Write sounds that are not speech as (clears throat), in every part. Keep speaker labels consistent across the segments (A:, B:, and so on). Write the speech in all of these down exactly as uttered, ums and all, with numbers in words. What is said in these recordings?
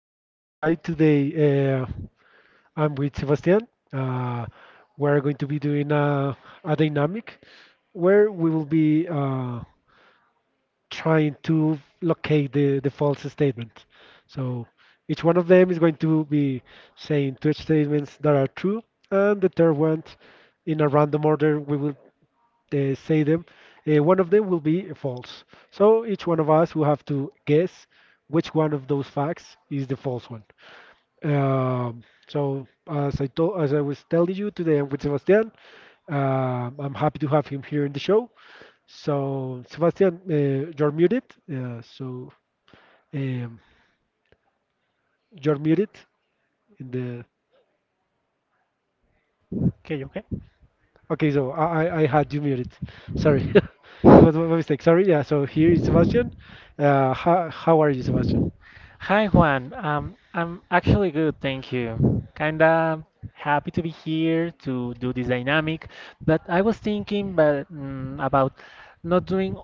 A: Uh, hi, today, uh, I'm with Sebastian. Uh, we're going to be doing a, a dynamic where we will be uh, trying to locate the, the false statement. So each one of them is going to be saying two statements that are true, and the third one, in a random order, we will uh, say them. Uh, one of them will be false. So each one of us will have to guess which one of those facts is the false one. Um, so as I told, as I was telling you today, I'm with Sebastian. Um, I'm happy to have him here in the show. So Sebastian, uh, you're muted. Uh, so um, you're muted in the.
B: Okay, you okay.
A: Okay, so I I I had you muted. Sorry, (laughs) it was my mistake. Sorry. Yeah. So here is Sebastian. Uh, how how are you, Sebastian?
B: Hi Juan. Um, I'm actually good, thank you. Kinda happy to be here to do this dynamic, but I was thinking but mm, about not doing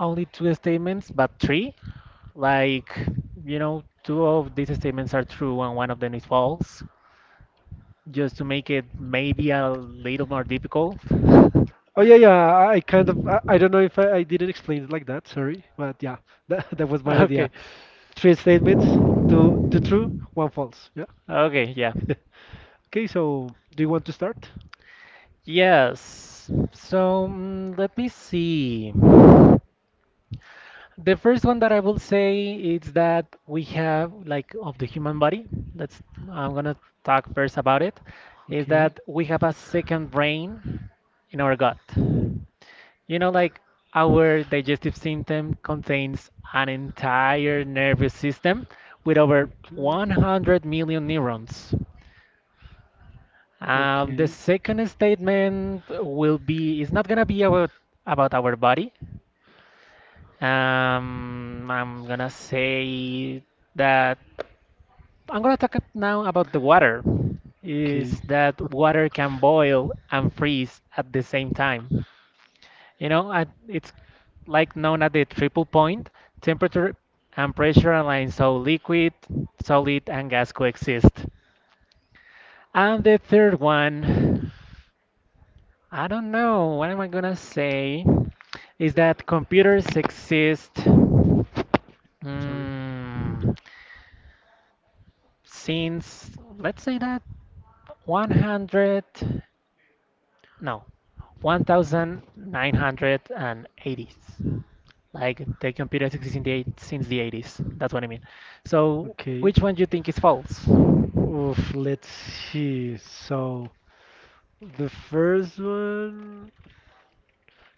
B: only two statements but three. Like, you know, two of these statements are true and one of them is false. just to make it maybe a little more difficult. (laughs)
A: Oh yeah, yeah. I I kind of I, I don't know if I, I didn't explain it like that. Sorry, but yeah, that (laughs) that was my idea.
B: Okay.
A: Three statements, two two true, one false. Yeah.
B: Okay, yeah.
A: Okay, so do you want to start?
B: Yes. So mm, let me see. The first one that I will say is that we have like of the human body. That's I'm gonna talk first about it. Is
A: Okay.
B: that we have a second brain in our gut. You know, like our digestive system contains an entire nervous system with over
A: Okay.
B: 100 million neurons. Um, the
A: Okay.
B: second statement will be, it's not gonna be about about our body. Um, I'm gonna say that I'm gonna talk now about the water. Is
A: Okay.
B: that
A: (laughs)
B: water can boil and freeze at the same time? You know, I, it's like known as the triple point. Temperature and pressure align so liquid, solid, and gas coexist. And the third one, I don't know, what am I gonna say? Is that computers exist
A: Sorry.
B: mm, since, let's say that one hundred. no, nineteen eighties. Like the computer exists in the since the eighties. That's what I mean. So,
A: Okay.
B: which one do you think is false?
A: Oof, let's see. So the first one.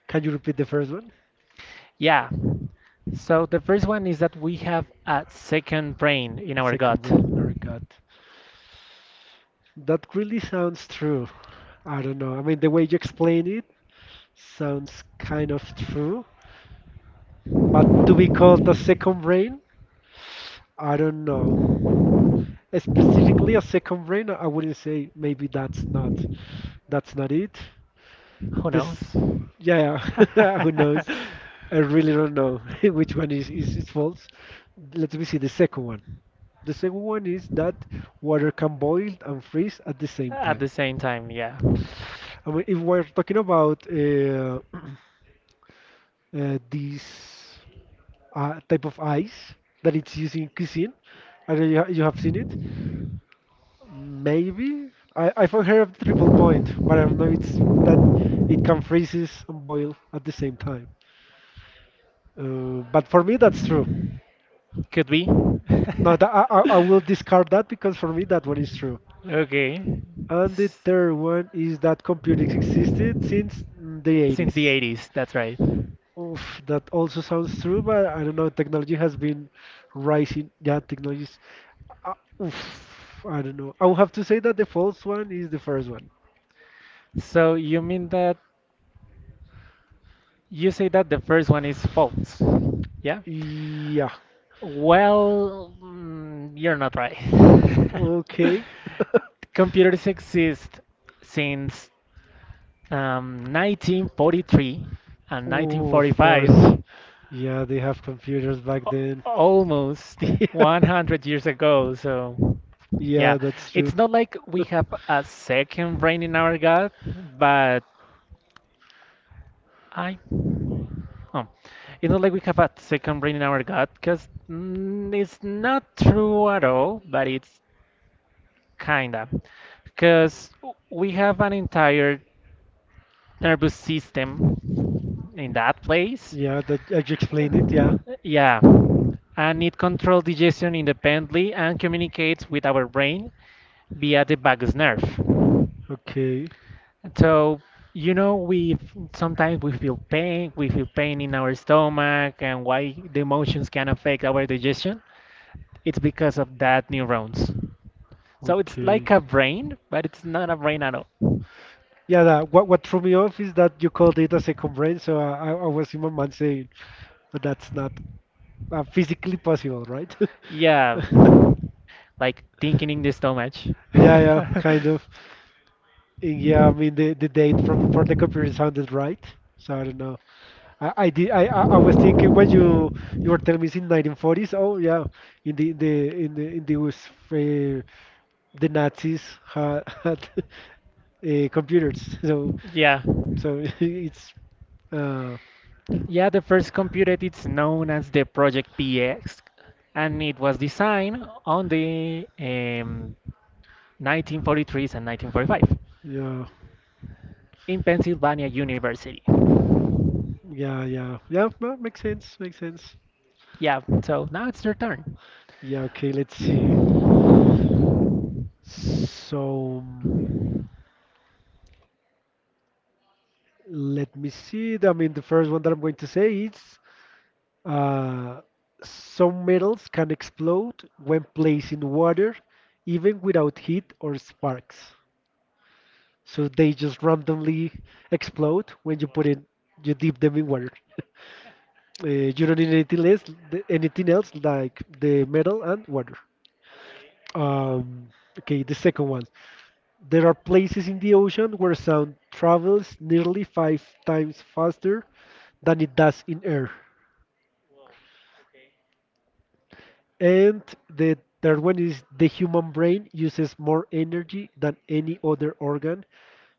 A: Can you repeat the first one?
B: Yeah. So the first one is that we have a second brain in our
A: Second
B: gut.
A: brain,
B: Who
A: Norgot. That really sounds true. I don't know. I mean, the way you explain it sounds kind of true, but to be called a second brain, I don't know. Specifically, a second brain, I wouldn't say maybe that's not that's not it.
B: knows?
A: This,
B: (laughs)
A: yeah, yeah, (laughs) who knows? I really don't know (laughs) which one is, is is false. Let me see the second one. The second one is that water can boil and freeze at the same
B: At
A: time.
B: the same time, yeah.
A: I mean, if we're talking about uh, uh, this uh, type of ice that it's used in cuisine. I don't know you you have seen it. Maybe I I've heard of the triple point, but I don't know it's that it can freezes and boil at the same time. Uh, but for me, that's true.
B: Could be. (laughs)
A: No, that, I I I will discard that because for me that one is true.
B: okay.
A: And the
B: S-
A: third one is that computers existed since mm, the eighties.
B: Since the eighties, that's right.
A: Oof, that also sounds true, but I don't know. Technology has been rising. Yeah, technologies. Uh, oof, I don't know. I would have to say that the false one is the first one.
B: So you mean that you say that the first one is false? Yeah?
A: Yeah.
B: Well, mm, you're not right. (laughs)
A: Okay. (laughs)
B: Computers exist since Um, nineteen forty-three and
A: Oh, of
B: nineteen forty-five,
A: course.
B: a-
A: Yeah, they have computers back then.
B: almost
A: (laughs) Yeah,
B: one hundred years ago. So, yeah,
A: yeah, that's true.
B: it's not like we have a
A: (laughs)
B: second brain in our gut, but I, oh, it's not like we have a second brain in our gut because mm, it's not true at all, but it's kinda because we have an entire nervous system in that place.
A: Yeah, that I just explained it. Yeah.
B: Yeah, and it controls digestion independently and communicates with our brain via the vagus nerve.
A: Okay.
B: So, you know, we f- sometimes we feel pain, we feel pain in our stomach, and why the emotions can affect our digestion. It's because of that neurons. So it's
A: Okay.
B: like a brain, but it's not a brain at all.
A: Yeah, that, what what threw me off is that you called it a second brain, so I, I I was in my mind saying, but that's not uh, physically possible, right? (laughs)
B: Yeah, like thinking in the stomach.
A: Yeah, yeah, kind of. And yeah, I mean the, the date from
B: (laughs)
A: for the computer sounded
B: (laughs)
A: right, so I don't know. I, I did I, I I was thinking when you you were telling me it's in nineteen forties. Oh yeah, in the in the in the in the was uh, the Nazis had, (laughs) had uh, computers, so.
B: Yeah.
A: So (laughs) it's uh
B: Yeah, the first computer it's known as the Project P X, and it was designed on the um, nineteen forty-threes and nineteen forty-five
A: yeah,
B: in Pennsylvania University.
A: yeah, yeah, yeah, well, makes sense, makes sense.
B: Yeah, so now it's your turn.
A: Yeah, okay, let's see. So mm, let me see. I mean the first one that I'm going to say is uh some metals can explode when placed in water even without heat or sparks. So they just randomly explode when you put it you dip them in water. (laughs) Uh, you don't need anything less, th- anything else, like the metal and water. Um, okay, the second one. There are places in the ocean where sound travels nearly five times faster than it does in air. And the third one is the human brain uses more energy than any other organ,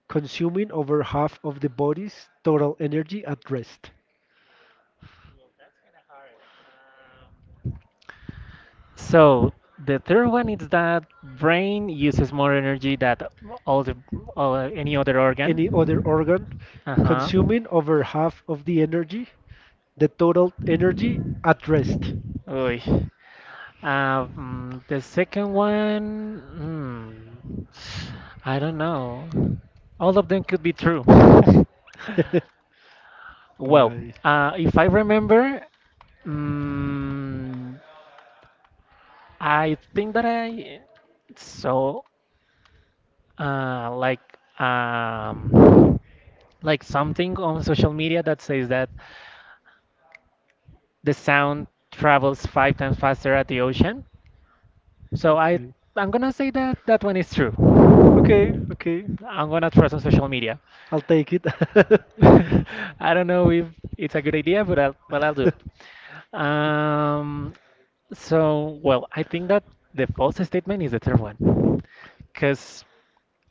A: consuming over half of the body's total energy at rest.
B: So the third one is that brain uses more energy than all the all, uh, any other
A: Any other
B: organ.
A: organ,
B: Uh-huh.
A: consuming over half of the energy the total energy at rest.
B: Uy. Um, the second one, hmm, I don't know. All of them could be true. (laughs)
A: (laughs)
B: Well,
A: Why?
B: uh, if I remember, mm, I think that I saw uh, like um, like something on social media that says that the sound travels five times faster at the ocean. So I
A: Okay.
B: I'm gonna say that that one is true.
A: Okay, okay.
B: I'm gonna trust on social media.
A: I'll take it. (laughs)
B: (laughs) I don't know if it's a good idea, but I'll, well, I'll do it. Um, so, well, I think that the false statement is the third one, because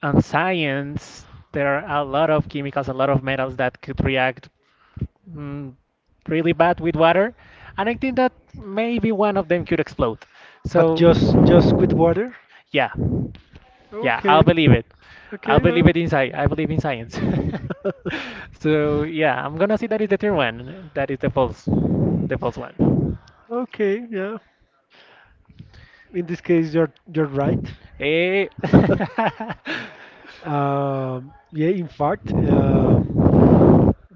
B: on science there are a lot of chemicals, a lot of metals that could react mm, really bad with water, and I think that maybe one of them could explode.
A: But just just with
B: So,
A: water?
B: yeah, yeah, I'll
A: Okay.
B: believe it. I'll
A: Okay,
B: believe
A: well.
B: it in sci- I believe in science.
A: (laughs)
B: (laughs) so yeah, I'm gonna say that is the third one. That is the false, the false one.
A: Okay, yeah. In this case you're you're right.
B: Eh.
A: (laughs) Um, yeah, in fact, uh,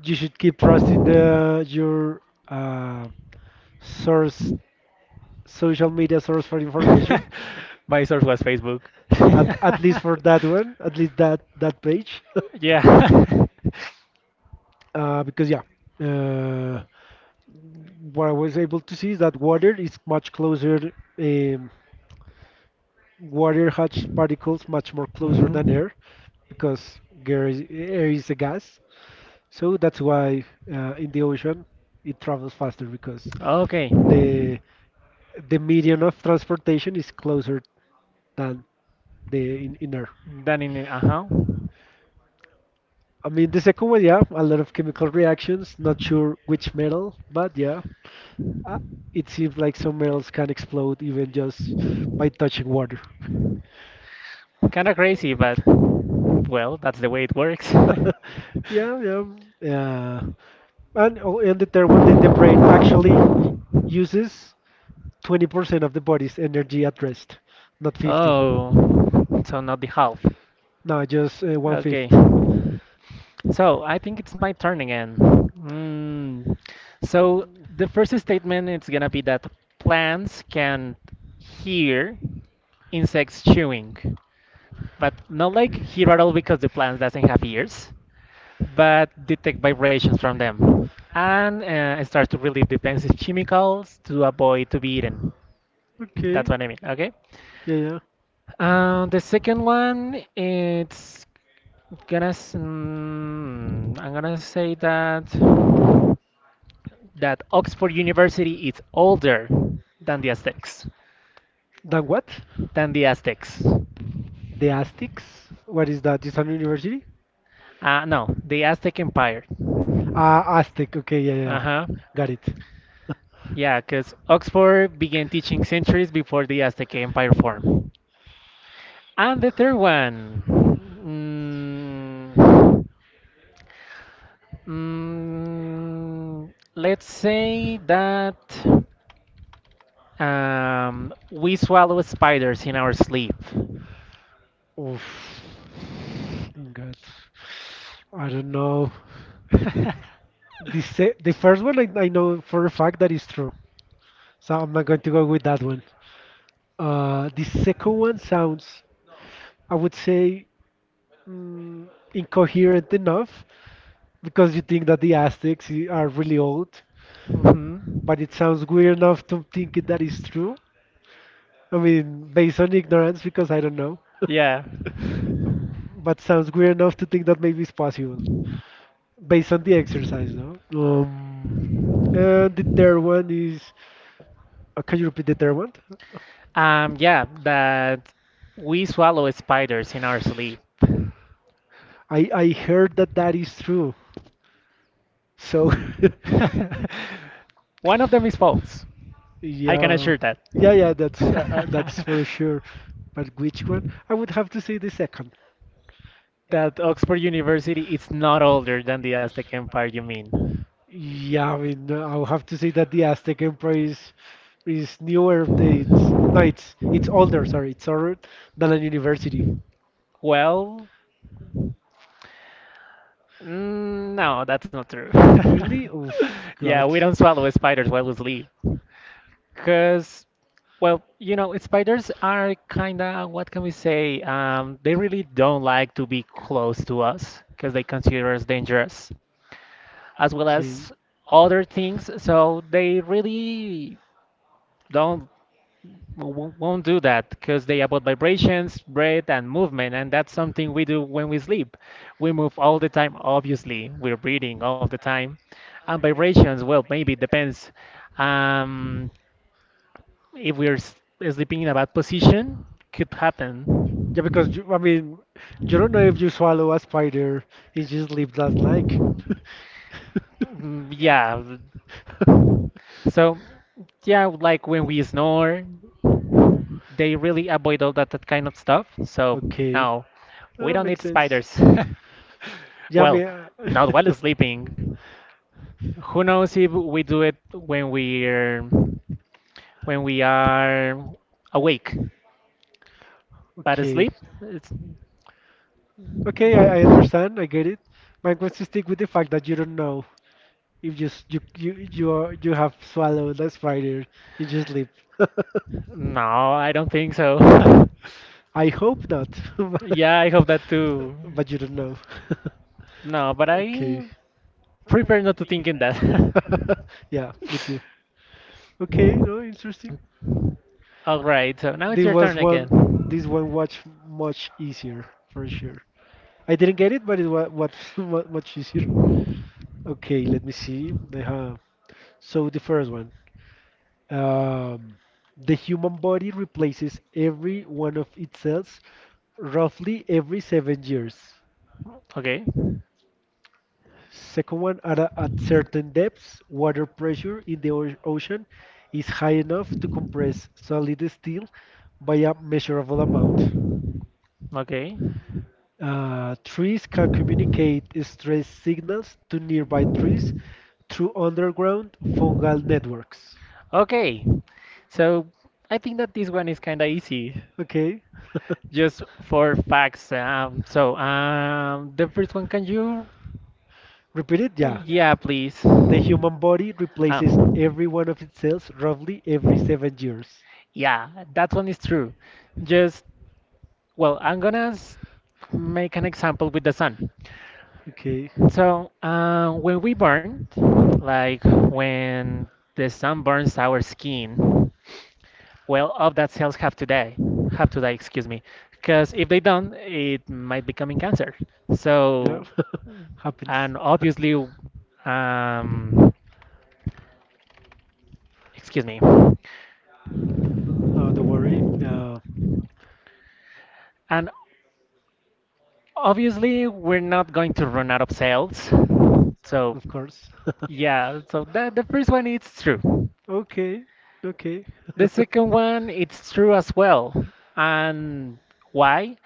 A: you should keep trusting the your uh, source social
B: (laughs)
A: media source for information,
B: (laughs) My source was Facebook.
A: at, at least
B: (laughs)
A: for that one, at least that that page. (laughs)
B: Yeah. (laughs)
A: uh, because yeah, uh, what I was able to see is that water is much closer. Um, water has particles much more closer than
B: Mhm.
A: air because air is, air is a gas. So that's why uh, in the ocean it travels faster because
B: Okay.
A: the the medium of transportation is closer than the in, in air.
B: Done in it. Uh-huh.
A: I mean, the second one, yeah, a lot of chemical reactions. Not sure which metal, but yeah, uh, it seems like some metals can explode even just by touching water.
B: Kind of crazy, but well, that's the way it works.
A: (laughs)
B: (laughs)
A: Yeah, yeah, yeah. And oh, and the third one, the, the brain actually y- uses twenty percent of the body's energy at rest, not fifty.
B: Oh, so not the half.
A: No, just uh, one
B: Okay.
A: fifth.
B: So I think it's my turn again. Mm. So the first statement is gonna be that plants can hear insects chewing but not like here at all because the plant doesn't have ears, but detect vibrations from them and uh, start to release defensive chemicals to avoid to be eaten. That's
A: Okay.
B: what I mean. Okay.
A: Yeah, yeah.
B: Uh, the second one, it's gonna. S- Mm, I'm gonna say that that Oxford University is older than the Aztecs.
A: Then what?
B: Than the Aztecs.
A: The Aztecs? What is that? Is an university?
B: Uh, no, the Aztec Empire. Uh,
A: Uh, Aztec. Okay, yeah,
B: Uh
A: yeah.
B: huh.
A: Got it.
B: Yeah, because Oxford began teaching centuries before the Aztec Empire formed. And the third one. Mm, mm, let's say that um, we swallow spiders in our sleep.
A: Oof. God. I don't know.
B: (laughs)
A: The se the first one I, I know for a fact that is true. So I'm not going to go with that one. Uh, the second one sounds, I would say, mm, incoherent enough because you think that the Aztecs i- are really old,
B: hmm
A: but it sounds weird enough to think it- that is true. I mean, based on ignorance because I don't know,
B: Yeah.
A: but sounds weird enough to think that maybe it's possible, based on the exercise, no? Um, and the third one is, uh, can you repeat the third one?
B: Um, yeah, that we swallow spiders in our sleep. (laughs)
A: I I heard that that is true. So,
B: One of them is false.
A: (laughs)
B: I can
A: yeah,
B: assure that.
A: yeah, yeah. That's uh, uh, that's
B: (laughs)
A: for sure. But which one? I would have to say the second.
B: That Oxford University is not older than the Aztec Empire, you mean?
A: Yeah, I mean, uh, I would have to say that the Aztec Empire is is newer. It's no, it's it's older. Sorry, it's older than a university.
B: Well, mm, no, that's not true.
A: Really?
B: (laughs)
A: Oh God.
B: Yeah, we don't swallow spiders while we sleep. Because Well, you know, spiders are kind of, what can we say? Um, they really don't like to be close to us because they consider us dangerous, as well as
A: Okay.
B: other things. So they really don't w- won't do that because they about vibrations, breath, and movement, and that's something we do when we sleep. We move all the time, obviously. We're breathing all the time, and vibrations. Well, maybe it depends. Um, if we're s- sleeping in a bad position, could happen.
A: Yeah, because you, I mean, you don't know if you swallow a spider in your sleep last night. (laughs)
B: Mm, yeah. So, yeah, like when we snore, they really avoid all that, that kind of stuff. So,
A: Okay.
B: no, we
A: Oh,
B: don't
A: makes
B: need
A: sense.
B: spiders. (laughs)
A: Yeah, I mean,
B: well,
A: uh,
B: not while sleeping.
A: (laughs)
B: Who knows if we do it when we're when we are awake, but
A: okay.
B: asleep? It's,
A: Okay, I, I understand. I get it. My I'm to stick with the fact that you don't know if you s- you you you, are, you have swallowed a spider in your sleep.
B: no, I don't think so. (laughs)
A: (laughs) I hope not. (laughs) But,
B: Yeah, I hope that too.
A: but you don't know. (laughs)
B: No, but
A: Okay.
B: I prefer not to think in that.
A: (laughs)
B: (laughs)
A: Yeah, me too. Okay, no, interesting.
B: All right, so now it's
A: This
B: your
A: was
B: turn
A: one. This
B: again.
A: one was much easier for sure. I didn't get it, but it was, was (laughs) mu- much easier. Okay, let me see. Uh-huh. So the first one. Um, the human body replaces every one of its cells roughly every seven years.
B: Okay,
A: Second one, at, a, at certain depths, water pressure in the o- ocean is high enough to compress solid steel by a measurable amount.
B: okay.
A: Uh, trees can communicate stress signals to nearby trees through underground fungal networks.
B: Okay, so I think that this one is kind of easy.
A: Okay, (laughs)
B: Just for facts. Um, so, um, the first one, can you?
A: repeat it? Yeah.
B: Yeah, please.
A: The human body
B: Ah,
A: replaces every one of its cells roughly every seven years.
B: yeah, that one is true. Just, well, I'm gonna s- make an example with the sun.
A: Okay,
B: So, uh, when we burn, like when the sun burns our skin, well of that cells have to die have to die, excuse me, because if they don't it might becoming cancer.
A: yeah,
B: So,
A: (laughs) happens.
B: and
A: (laughs)
B: obviously, um excuse me,
A: Oh, don't worry. Uh,
B: and obviously we're not going to run out of cells. So,
A: of course.
B: yeah,
A: (laughs)
B: so the, the first one it's true.
A: Okay, okay.
B: The
A: (laughs)
B: second one it's true as well. And why?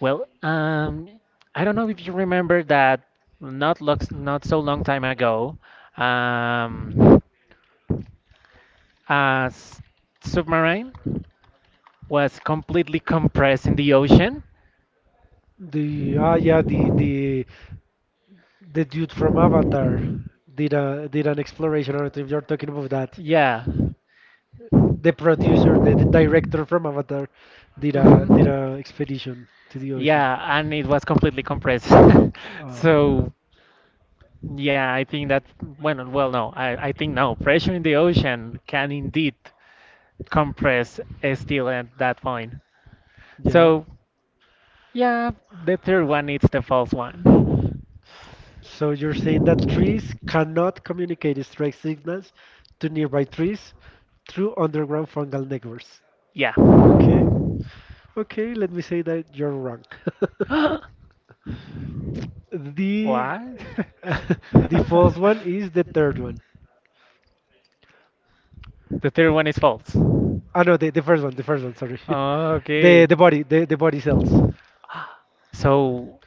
B: Well, um, I don't know if you remember that not lux not so long time ago, um, a s- submarine was completely compressed in the ocean.
A: The ah yeah the the the dude from Avatar did a did an exploration. I don't know if you're talking about that.
B: Yeah.
A: The producer, the, the director from Avatar did a did
B: Mhm.
A: a expedition to the ocean.
B: Yeah, and it was completely compressed. (laughs)
A: Oh,
B: So, yeah, I think that, well, well, no, I, I think no. Pressure in the ocean can indeed compress a steel at that point.
A: yeah.
B: So, yeah, the third one is the false one.
A: So you're saying that trees cannot communicate strike signals to nearby trees through underground fungal networks.
B: Yeah.
A: Okay, okay. Let me say that you're wrong.
B: (gasps)
A: (laughs) The
B: What?
A: (laughs) the false one is the
B: (laughs)
A: third one.
B: The third one is false.
A: Oh no, the, the first one, the first one, sorry. (laughs) The
B: Okay.
A: the body, the, the body cells.
B: So,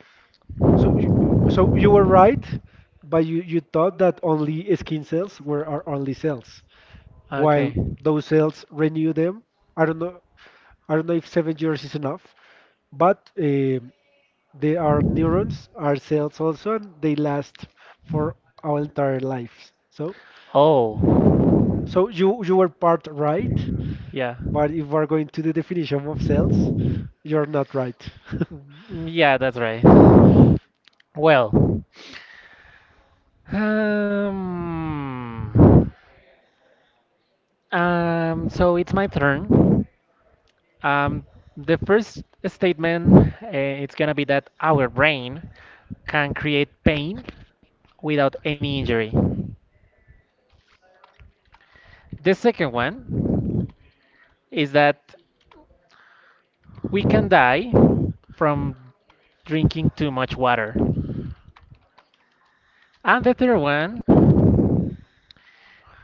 A: So you, so you were right, but you, you thought that only skin cells were our only cells, while those cells renew them. I don't know, I don't know if seven years is enough, but um they are neurons, are cells also, and they last for our entire lives. So
B: oh.
A: so you you were part right,
B: Yeah.
A: but if we're going to the definition of cells, you're not right. (laughs)
B: Mm, yeah, that's right. Well. Um. Um. So it's my turn. Um. The first statement, uh, it's gonna be that our brain can create pain without any injury. The second one is that we can die from drinking too much water. And the third one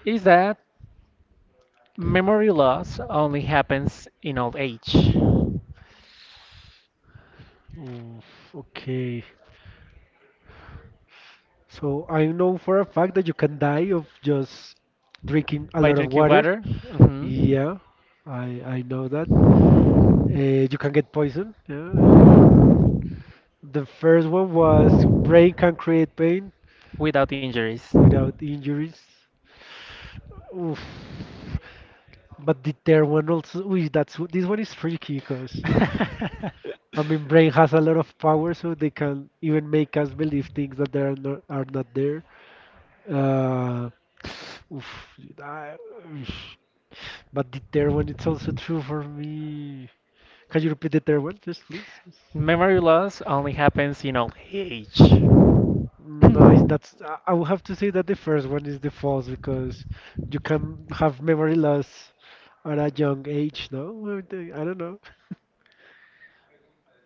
B: is that memory loss only happens in old age
A: Oof, okay. So I know for a fact that you can die of just drinking a
B: by
A: lot of
B: drinking
A: water.
B: water, mhm,
A: Yeah, I I know that. Uh, you can get poisoned. Yeah. And the first one was brain can create pain
B: without injuries.
A: without injuries. Oof. But the third one also, ooh, that's this one is tricky because I mean brain has a lot of power, so they can
B: (laughs)
A: even make us believe things that they are not, are not there. Uh, oof, I- but the third one, it's also true for me. Can you repeat the third one, just please?
B: Memory loss only happens in old age. (clears throat)
A: Nice. That's. I I will have to say that the first one is the false because you can have memory loss at a young age. No, well, the- I don't know.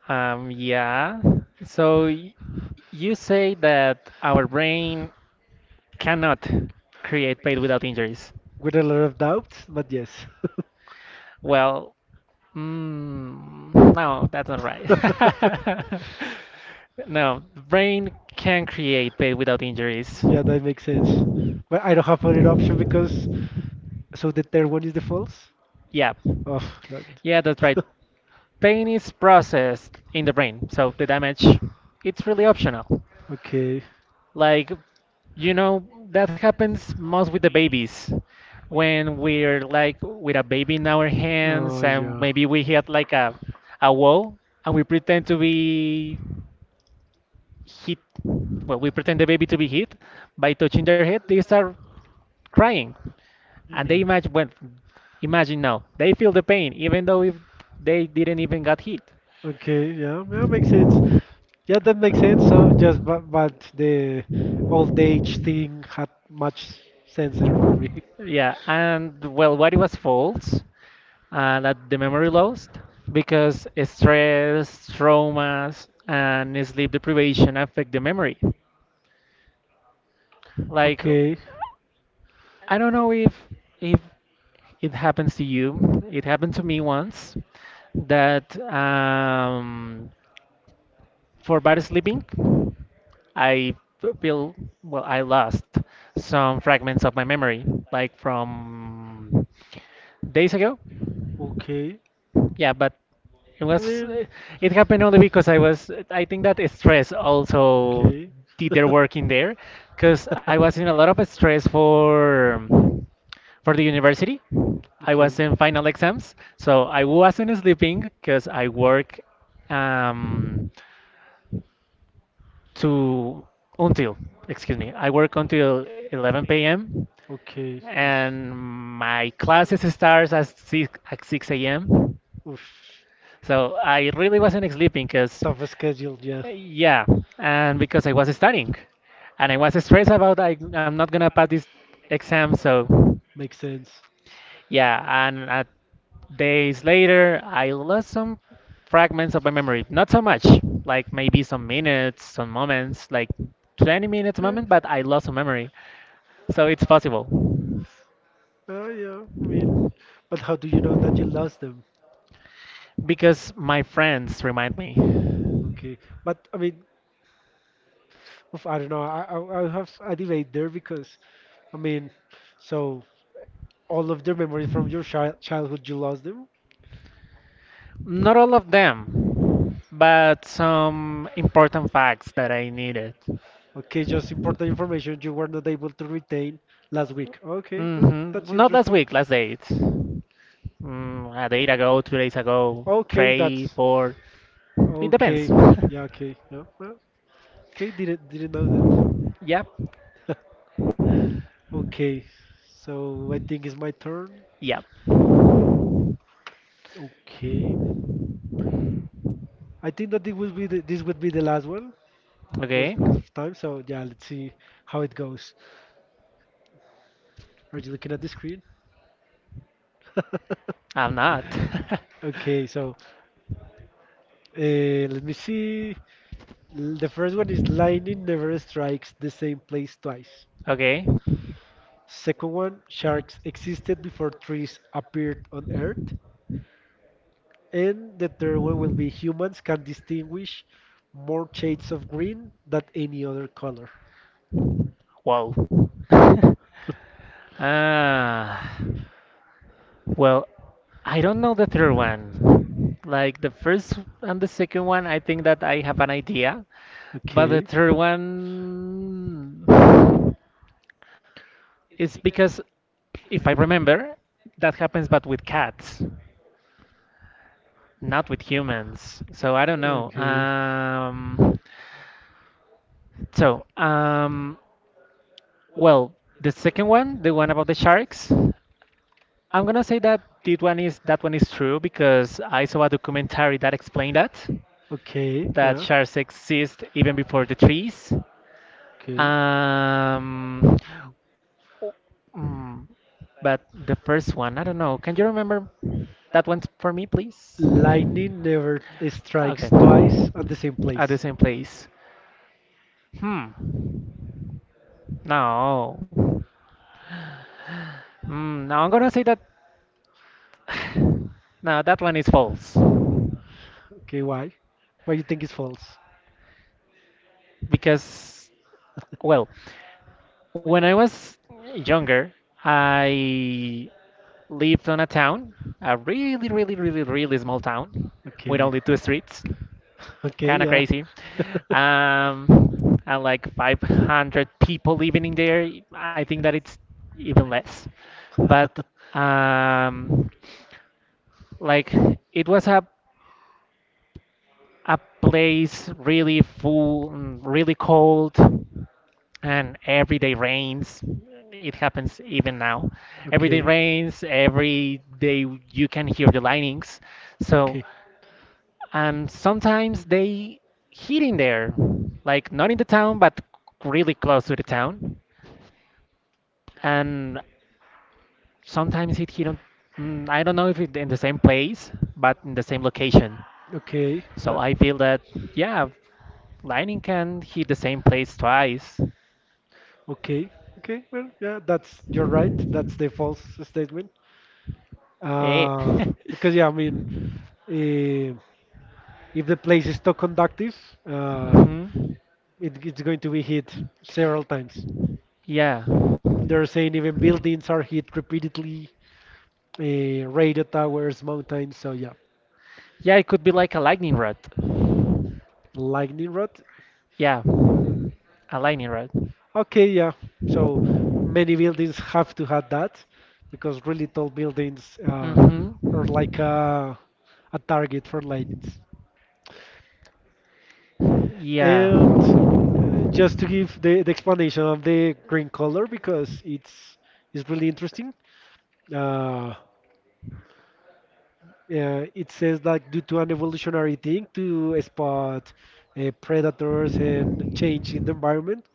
B: Um, yeah. So y- you say that our brain cannot create pain without injuries.
A: With a lot of doubts, but yes.
B: Well, mm, no, that's not right.
A: (laughs)
B: (laughs) no, the brain can create pain without injuries.
A: Yeah, that makes sense, but I don't have other option because so the third one is the false.
B: Yeah,
A: Oh, that.
B: yeah, that's right.
A: (laughs)
B: Pain is processed in the brain, so the damage it's really optional.
A: Okay.
B: Like, you know, that happens most with the babies. When we're like with a baby in our hands
A: Oh,
B: and
A: yeah.
B: maybe we hit like a a wall and we pretend to be hit. Well, we pretend the baby to be hit by touching their head. They start crying, and they
A: Mm.
B: imagine. Well, imagine now they feel the pain even though if they didn't even got hit.
A: Okay, yeah, yeah, makes sense. Yeah, that makes sense. So just but, but the old age thing had much sense there for me. (laughs)
B: Yeah, and well, what it was false, uh, that the memory lost because stress, traumas, and sleep deprivation affect the memory. Like,
A: Okay,
B: I don't know if if it happens to you. It happened to me once that um, For bad sleeping, I feel well, I lost some fragments of my memory, like from days ago.
A: okay.
B: Yeah, but it
A: I
B: was
A: mean,
B: it happened only because I was I think that stress also did their work in there,
A: okay.
B: because
A: (laughs)
B: I was in a lot of stress for for the university. I
A: Okay.
B: was in final exams, so I wasn't sleeping because I work, um, to until, excuse me, I work until eleven p m
A: Okay.
B: and my classes starts at 6 at six a m.
A: Oof. Oof.
B: So I really wasn't sleeping because
A: Tough schedule. Yeah.
B: yeah, and because I was studying and I was stressed about I, I'm not gonna pass this exam. So
A: Makes sense.
B: yeah, and uh, days later I lost some fragments of my memory. Not so much, like maybe some minutes, some moments, like twenty minutes
A: Yeah.
B: moment, but I lost some memory. So it's possible
A: Oh yeah. I mean, but how do you know that you lost them?
B: because my friends remind me.
A: Okay. But I mean, oof, I don't know. I I, I have a debate there because I mean, so all of the memories from your child childhood you lost them.
B: Not all of them, but some important facts that I needed.
A: Okay, just important information you were not able to retain last week. Okay, no,
B: Mm-hmm.
A: that's
B: Not last
A: interesting.
B: week, last date. Mm, a date ago, two days ago,
A: Okay,
B: three,
A: that's
B: four. It depends.
A: okay. Yeah, okay. No, no. Okay, didn't didn't know that.
B: (laughs) Yep,
A: (laughs) Okay, so I think it's my turn.
B: yep.
A: Okay, I think that it will be the, this would be the last one just
B: Okay.
A: because of time. So yeah, let's see how it goes. Are you looking at the screen? (laughs)
B: I'm not. (laughs)
A: Okay, so uh, let me see. L- The first one is lightning never strikes the same place twice.
B: Okay.
A: Second one, sharks existed before trees appeared on Earth. And the third one will be humans can distinguish more shades of green than any other color.
B: Wow. (laughs) Ah. Well, I don't know the third one. Like the first and the second one, I think that I have an idea, but the
A: Okay.
B: third one is because if I remember, that happens but with cats. Not with humans. So I don't know.
A: Okay.
B: Um, so, um, well, the second one, the one about the sharks, I'm gonna say that that one is that one is true because I saw a documentary that explained that
A: Okay.
B: that
A: Yeah.
B: sharks exist even before the trees.
A: Okay.
B: Um, o- mm, but the first one, I don't know. Can you remember that one for me, please?
A: Lightning never
B: Okay,
A: strikes twice on the same
B: at the
A: place.
B: same place. Hmm. No. Hmm. No, I'm gonna say that. (sighs) No, that one is false.
A: Okay, why? Why you think it's false?
B: Because, well, when I was younger, I lived on a town, a really, really, really, really small town with
A: Okay.
B: only two streets.
A: Okay,
B: Kind of
A: yeah.
B: crazy.
A: (laughs)
B: Um, and like five hundred people living in there. I think that it's even less. But um, like It was a a place really full, mm, really cold, and every day rains. It happens even now. Every day
A: Okay.
B: rains, every day you can hear the lightnings. So,
A: Okay.
B: and sometimes they hit in there, like not in the town, but really close to the town. And sometimes it hit on, mm, I don't know if it in the same place, but in the same location.
A: Okay,
B: So
A: yeah.
B: I feel that, yeah, lightning can hit the same place twice.
A: Okay. Okay, well, yeah, that's you're right. That's the false statement.
B: Eh.
A: Uh,
B: (laughs)
A: because yeah, I mean, eh, if the place is too conductive, uh,
B: hmm
A: it, it's going to be hit several times.
B: Yeah.
A: They're saying even buildings are hit repeatedly, uh, radio towers, mountains. So yeah,
B: Yeah, it could be like a lightning rod.
A: lightning rod.
B: Yeah, a lightning rod.
A: Okay, yeah. So many buildings have to have that because really tall buildings uh,
B: Hmm
A: are like a, a target for lightnings.
B: Yeah.
A: And uh, just to give the, the explanation of the green color because it's it's really interesting. Uh, uh, it says like due to an evolutionary thing to spot uh, predators and change in the environment,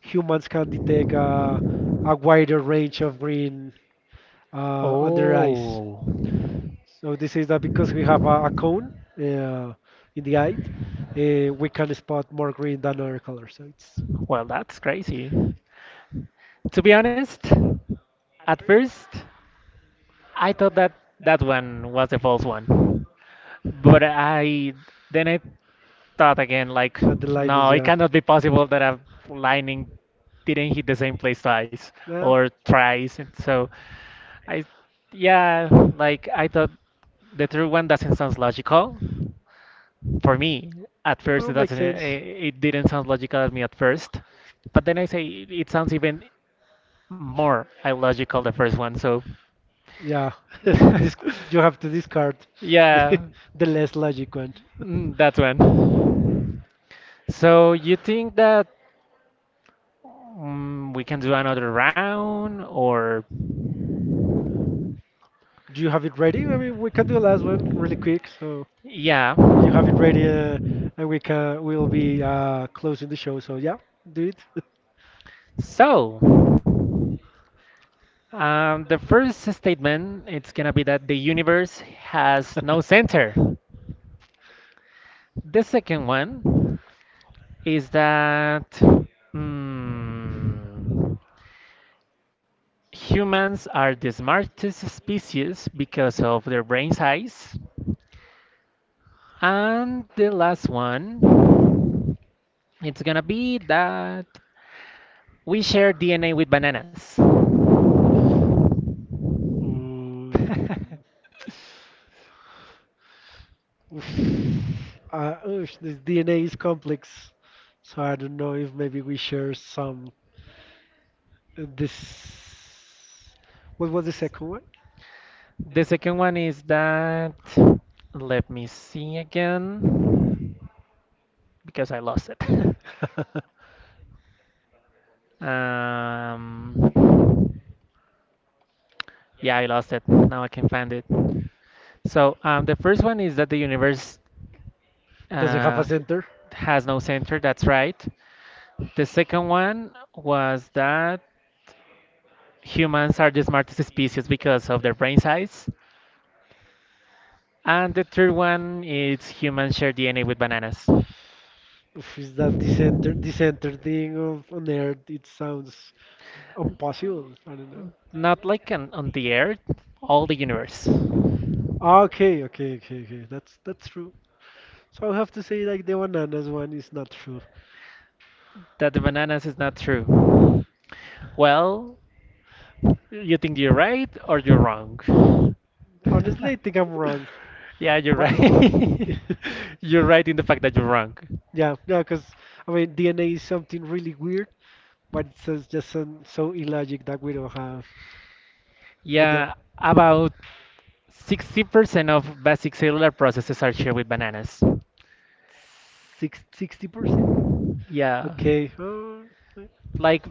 A: humans can detect uh, a wider range of green uh, on their eyes.
B: Oh,
A: So this is that because we have a, a cone uh, in the eye, uh, we can spot more green than other colors. So it's
B: well, that's crazy. To be honest, at first, I thought that that one was the false one. But I then I thought again, like,
A: uh, the light is
B: no, it
A: yeah.
B: cannot be possible that a lining didn't hit the same place twice
A: Yeah.
B: or thrice. And so I, yeah, like I thought the third one doesn't sound logical for me. At first,
A: No,
B: it
A: makes
B: doesn't.
A: sense.
B: It, it didn't sound logical at me at first, but then I say it, it sounds even more illogical the first one. So.
A: Yeah, (laughs) this
B: (laughs)
A: you have to discard (laughs) the,
B: Yeah,
A: the less logic one.
B: mm, that one. So you think that mm, we can do another round, or
A: Do you have it ready? I mean, we can do the last one really quick. So
B: yeah,
A: if you have it ready, uh, and we can we'll be uh, closing the show. So yeah, do it.
B: so. Um, the first statement, it's gonna be
A: (laughs)
B: that the universe has no center. The second one, is that mm, humans are the smartest species because of their brain size. And the last one, it's gonna be that we share D N A with bananas. (laughs)
A: Mm,
B: The
A: oof. Uh, oosh, this D N A is complex, so I don't know if maybe we share some. uh, This. What was the second
B: second one is that, let me see again, because I lost it.
A: one? (laughs)
B: (laughs) um, yeah, I lost it. Now I can find it. So um, the first one is that the universe
A: Does it have a
B: uh,
A: center?
B: has no center. That's right. The second one was that humans are the smartest species because of their brain size. And the third one is humans share D N A with bananas.
A: Oof, is that the center, the center thing of on Earth? It sounds impossible. I don't know.
B: Not like on, on the earth, all the universe.
A: Ah, okay, okay, okay, okay. That's that's true. So I have to say like the bananas one is not true.
B: That the bananas is not true. Well, you think you're right or you're wrong? (laughs)
A: Honestly, I think I'm wrong.
B: Yeah, you're
A: But (laughs)
B: right. (laughs) You're right in the fact that you're wrong.
A: yeah, yeah, because I mean D N A is something really weird, but it's just just so so illogic that we don't have. But yeah,
B: Yeah, about sixty percent of basic cellular processes are shared with bananas.
A: six, sixty percent?
B: Yeah.
A: Okay. Uh,
B: Like,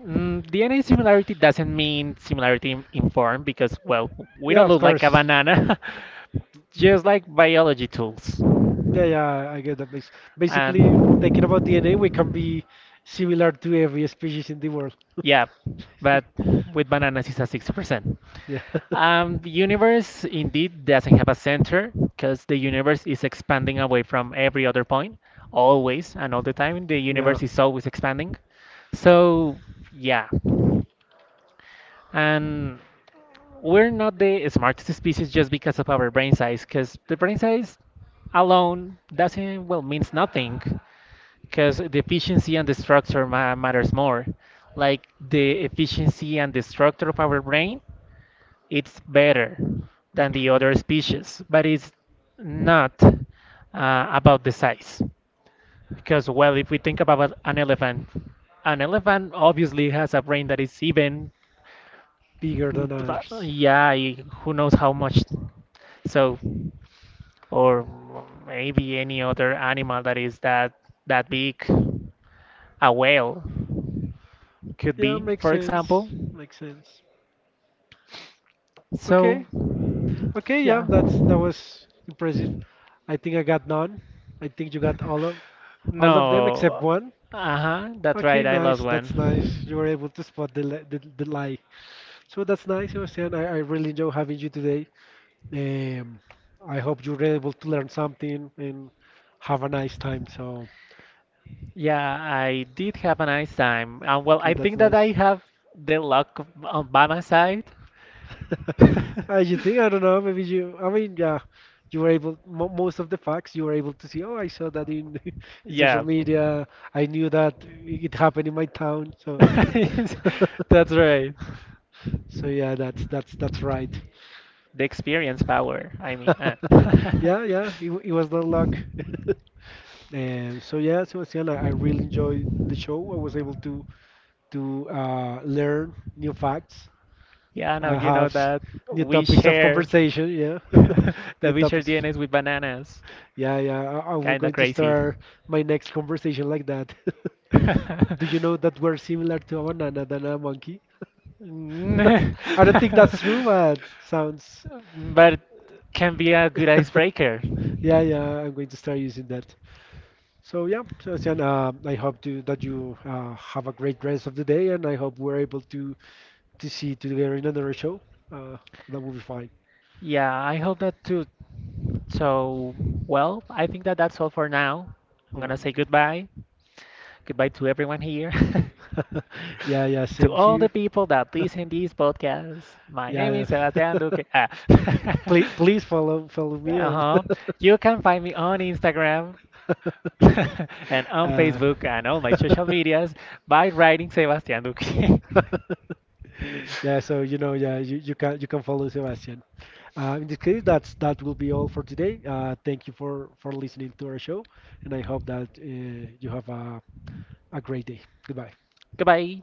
B: mm, D N A similarity doesn't mean similarity in, in form because, well, we
A: yeah,
B: don't
A: of
B: look like a
A: course.
B: banana, (laughs) just like biology tools.
A: Yeah, yeah, I get that. Bas- Basically, thinking
B: And
A: about D N A, we can be similar to every species in the world.
B: yeah, but with bananas it's a sixty percent.
A: Yeah. (laughs)
B: Um, the universe indeed doesn't have a center because the universe is expanding away from every other point, always and all the time. The
A: Yeah.
B: universe is always expanding. So, yeah. And we're not the smartest species just because of our brain size, because the brain size alone doesn't, well, means nothing because the efficiency and the structure ma- matters more. Like the efficiency and the structure of our brain, it's better than the
A: Okay.
B: other species, but it's not uh, about the size. Because well, if we think about an elephant, an elephant obviously has a brain that is even,
A: Bigger than ours.
B: yeah, who knows how much. So, or maybe any other animal that is that that big, a whale, could
A: Yeah,
B: be,
A: makes
B: for
A: sense.
B: example.
A: Makes sense.
B: So,
A: Okay. Okay, yeah,
B: yeah.
A: that's that was impressive. I think I got none. I think you
B: (laughs)
A: got all of all of them except
B: No.
A: one?
B: Uh huh. That's
A: Okay,
B: right. I lost
A: nice. That's nice. You were
B: one.
A: able to spot the, li- the, the lie. So that's nice, Sebastian. I, I really enjoy having you today. Um, I hope you were able to learn something and have a nice time. So,
B: Yeah, I did have a nice time. Um, well,
A: okay,
B: I
A: that's
B: think that
A: nice.
B: I have the luck of- on by my side.
A: (laughs) As
B: (laughs)
A: you think I don't know. Maybe you. I mean, yeah, you were able. Mo Most of the facts you were able to see. Oh, I saw that in (laughs) in social
B: Yeah.
A: media. I knew that it happened in my town. So
B: (laughs)
A: yeah. (laughs)
B: That's right.
A: So yeah, that's that's that's right.
B: The experience power, I mean. uh.
A: (laughs)
B: (laughs)
A: Yeah, yeah. It, w- it was not luck. (laughs) And so yeah, Sebastian, I, I really enjoyed the show. I was able to to uh, learn new facts
B: Yeah, now
A: I
B: you know
A: have
B: that
A: new
B: we
A: topics of
B: share
A: conversation. Yeah,
B: (laughs)
A: (laughs)
B: that
A: new
B: we share
A: topics.
B: D N As with bananas.
A: Yeah, yeah. I, I we're
B: Kinda
A: going to
B: crazy.
A: start my next conversation like that. (laughs)
B: (laughs)
A: Do you know that we're similar to a banana than a monkey?
B: N-
A: (laughs) I don't think that's true, but sounds.
B: (laughs) but can be a good
A: (laughs)
B: icebreaker.
A: yeah, yeah. I'm going to start using that. So yeah, Sebastian, uh, I hope to, that you uh, have a great rest of the day, and I hope we're able to to see you together in another show. Uh, that will be fine.
B: Yeah, I hope that too. So, well, I think that that's all for now. I'm
A: Yeah.
B: gonna say goodbye. Goodbye to everyone here.
A: (laughs) yeah, yeah,
B: (laughs) To
A: same
B: all
A: here.
B: the people that listen this podcast. My name
A: Yeah,
B: is Sebastian
A: yeah.
B: Duque. Ah.
A: (laughs)
B: (laughs)
A: please, please follow follow me on. (laughs)
B: Uh-huh. You can find me on Instagram (laughs) and on
A: uh,
B: Facebook and all my social
A: (laughs)
B: medias by writing Sebastian Duque.
A: yeah, so you know, yeah, you, you can you can follow Sebastian. Uh, in this case, that's that will be all for today. Uh, thank you for for listening to our show, and I hope that uh, you have a, a great day. Goodbye.
B: (laughs) Goodbye.